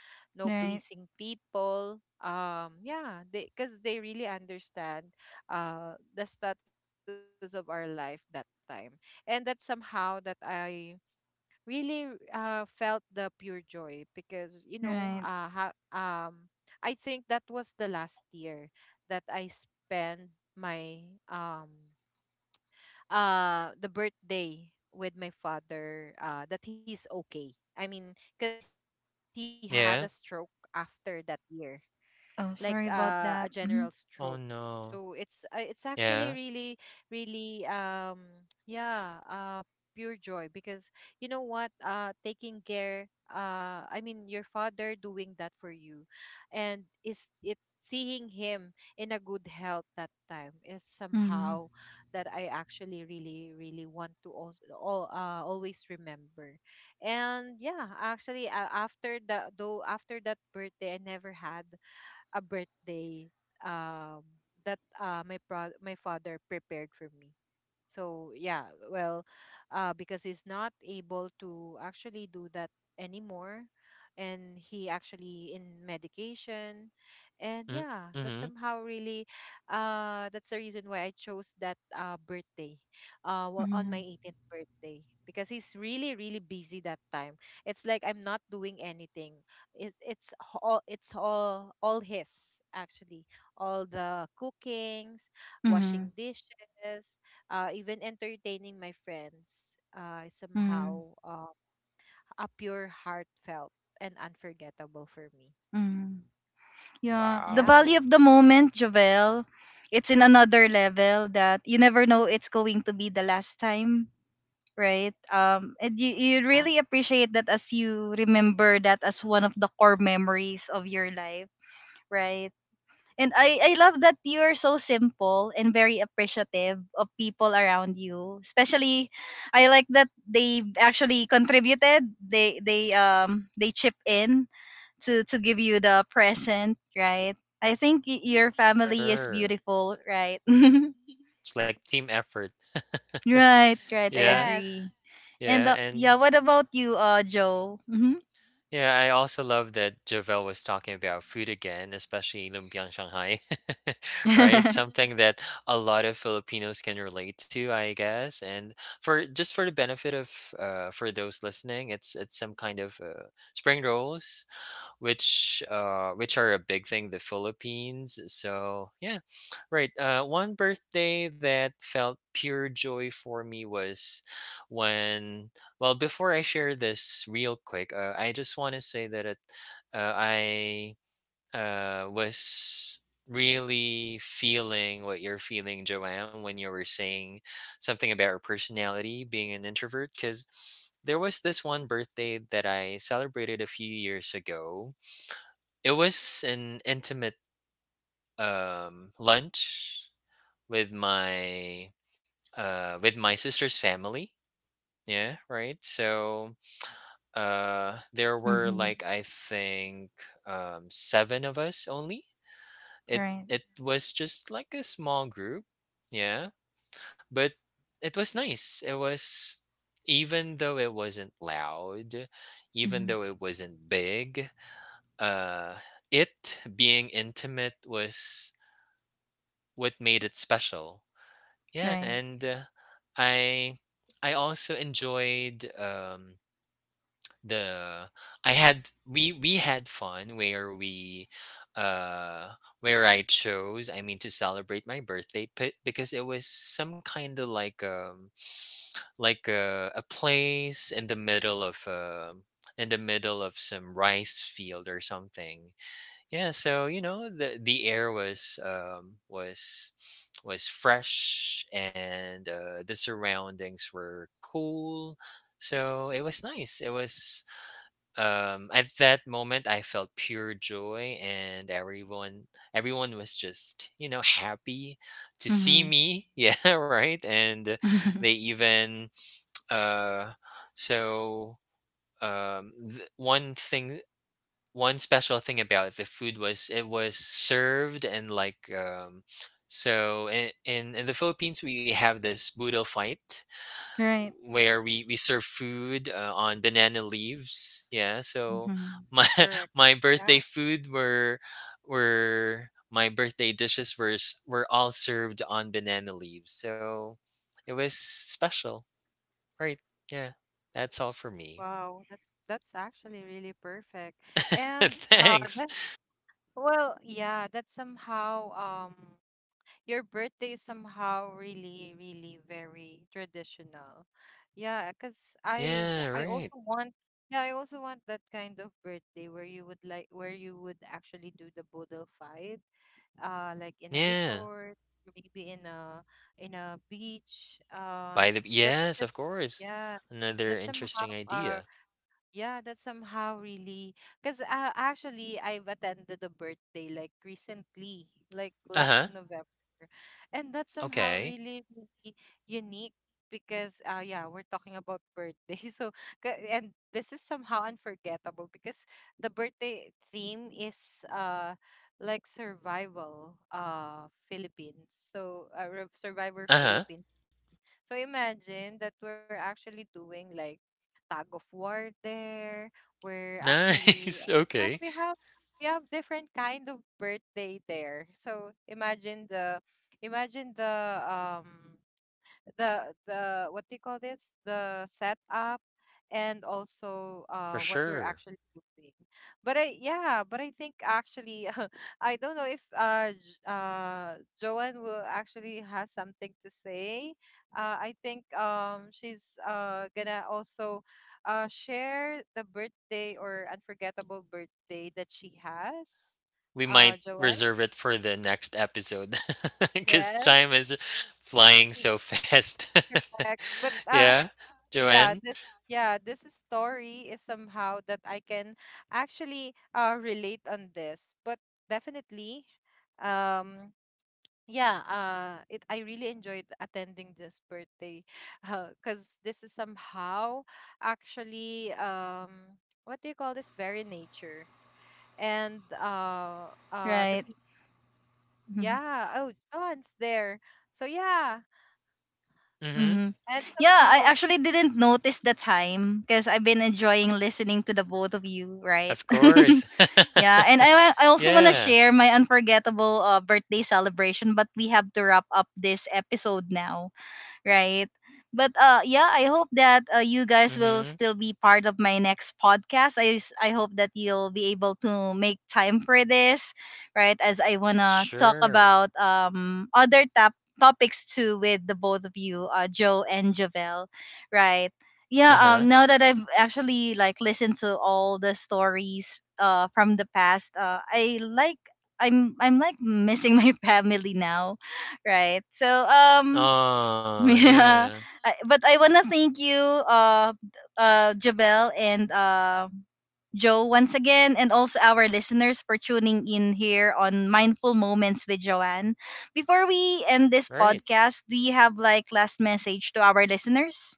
no Right, pleasing people, yeah, they, because they really understand the status of our life that time. And that somehow that I really felt the pure joy, because, you know, right. I think that was the last year that I spent my, um the birthday with my father, that he's okay, I mean, because he had a stroke Yeah. after that year, like Oh, a sorry general about that. stroke. Mhm, Oh So no. it's actually really Yeah. really yeah, pure joy, because you know what, taking care, I mean your father doing that for you, and is it seeing him in a good health that time is somehow mhm, that I actually really really want to also always remember. And yeah, actually, after the though after that birthday, I never had a birthday um that my father prepared for me. So yeah, well, because he's not able to actually do that anymore, and he actually in medication. And Mm, yeah, that mm-hmm. somehow really, that's the reason why I chose that birthday, on my mhm, 18th birthday, because he's really really busy that time. It's like I'm not doing anything. It's all his actually, all the cookings, washing mhm, dishes, even entertaining my friends, is mhm, somehow a pure heartfelt and unforgettable for me. mhm. Yeah, the Yeah. value Wow. of the moment, Jovel, it's in another level that you never know it's going to be the last time, right? And you, you Yeah. really appreciate that, as you remember that as one of the core memories of your life, right? And I love that you're so simple and very appreciative of people around you. Especially I like that they actually contributed. They chip in to give you the present, right? I think your Correct. family is Sure. beautiful, right? It's like team effort. Right, right. I Yeah, Yes, agree. And yeah, and yeah, what about you, Joe? Mm-hmm. yeah, I also love that Javel was talking about food again, especially lumpiang Shanghai, right? Something that a lot of Filipinos can relate to, I guess. And for just for the benefit of for those listening, it's some kind of spring rolls which are a big thing the Philippines, so yeah, right. One birthday that felt pure joy for me was when, well, before I share this, real quick, I just want to say that it I was really feeling what you're feeling, Joanne, when you were saying something about her personality being an introvert. Because there was this one birthday that I celebrated a few years ago. It was an intimate lunch with my with my sister's family. Yeah, right. So there were, Mm-hmm. like, I think seven of us only. It Right. it was just like a small group. Yeah, but it was nice. It was Even though it wasn't loud, even Mm-hmm. though it wasn't big. Uh, it being intimate was what made it special. Yeah, Right. and I I also enjoyed the I had we had fun where we uh where I chose, I mean, to celebrate my birthday, but because it was some kind of like a place in the middle of some rice field or something. Yeah, so, the air was fresh, and the surroundings were cool. So it was nice. It was at that moment I felt pure joy, and everyone was just happy to see Mm-hmm. me. Yeah, right. And they even uh, so th- one special thing about the food was served and in in the Philippines we have this budo fight Right. where we serve food on banana leaves. Yeah, so Mm-hmm. my correct. my birthday Yeah. food were my birthday dishes were all served on banana leaves, so it was special. Right. Yeah. That's all for me. Wow. That's actually really perfect. And Thanks. that, well, yeah, that's somehow um your birthday is somehow really, really very traditional. Yeah, because Yeah, I right. also want, yeah, I also want that kind of birthday where you would like, where you would actually do the boodle fight, like in a Yeah. resort, or maybe in a, in a beach. By the that's, Yes, of that's course. yeah, Another that interesting somehow idea. Yeah, that's somehow really, because actually I've attended a birthday like recently, like Uh-huh. last November, and that's somehow Okay. really really unique, because yeah, we're talking about birthday so and this is somehow unforgettable, because the birthday theme is like survival Philippines, so survivor Uh-huh. Philippines. So imagine that we're actually doing like tag of war there. We're Nice. actually Okay. we have, we have different kind of birthday there. So imagine the, imagine the what do you call this, the setup, and also For what we're sure. actually doing. But I, yeah, but I think actually I don't know if Joanne will actually has something to say. I think she's gonna also share the birthday or unforgettable birthday that she has. We might Joanne, reserve it for the next episode, because yes. time is flying so fast. Correct. But Yeah, yeah, Joanne? this, yeah, this story is somehow that I can actually relate on this. But definitely, um yeah, it, I really enjoyed attending this birthday because this is somehow actually what do you call this? Very nature. And Right. Mhm. yeah, oh, John's there. So yeah. Mhm. Mhm. And Yeah, I somehow, actually didn't notice the time because I've been enjoying listening to the both of you, right? Of course. Yeah, and I also want to Yeah. share my unforgettable birthday celebration, but we have to wrap up this episode now. Right? But yeah, I hope that you guys will Mhm. still be part of my next podcast. I hope that you'll be able to make time for this, right? As I wanna talk Sure. about other tap topics too with the both of you, Joe and Javel, right? Yeah. Uh-huh. Now that I've actually like listened to all the stories from the past, I like, I'm like missing my family now, right? So Oh yeah. yeah. I- But I want to thank you, uh, Jabel, and Joe, once again, and also our listeners for tuning in here on Mindful Moments with Joanne. Before we end this Right. podcast, do you have like last message to our listeners?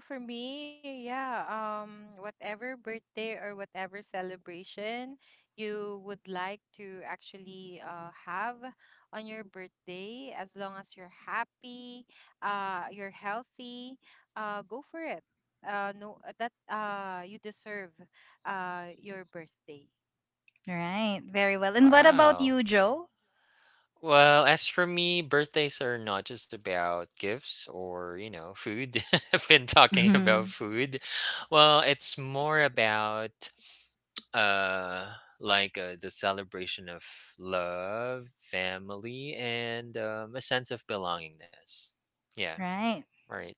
well, for me, yeah, whatever birthday or whatever celebration you would like to actually have on your birthday, as long as you're happy, you're healthy, go for it. No, that you deserve your birthday. Right. Very well. And what about Wow. you, Joe? Well, as for me, birthdays are not just about gifts or, food. I've been talking about Mhm. food. Well, it's more about uh like the celebration of love, family, and a sense of belongingness. Yeah, Right. right.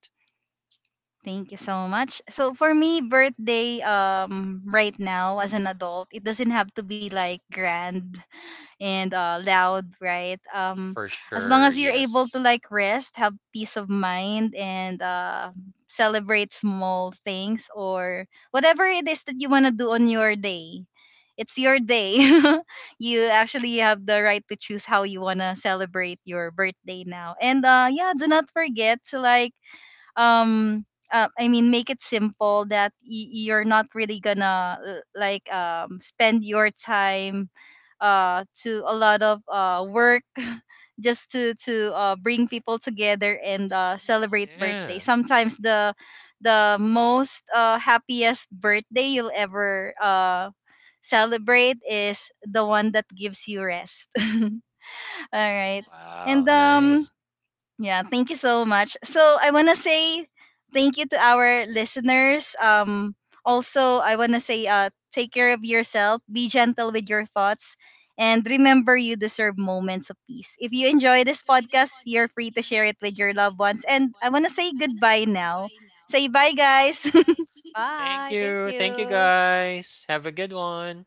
Thank you so much. So for me, birthday right now as an adult, it doesn't have to be like grand and loud, right? For As long as sure. you're able Yes. to like rest, have peace of mind, and celebrate small things, or whatever it is that you want to do on your day. It's your day. You actually have the right to choose how you want to celebrate your birthday now. And yeah, do not forget to like um I mean, make it simple, that you're not really gonna like spend your time to a lot of work, just to bring people together and celebrate birthday. Yeah. Sometimes the most happiest birthday you'll ever celebrate is the one that gives you rest. All right. And Wow, nice. yeah, thank you so much. So I wanna say thank you to our listeners. Also I wanna say take care of yourself, be gentle with your thoughts, and remember you deserve moments of peace. If you enjoy this podcast, you're free to share it with your loved ones. And I wanna say goodbye now. Say bye guys. Thank Bye. you. Thank Thank you you. guys. Have a good one.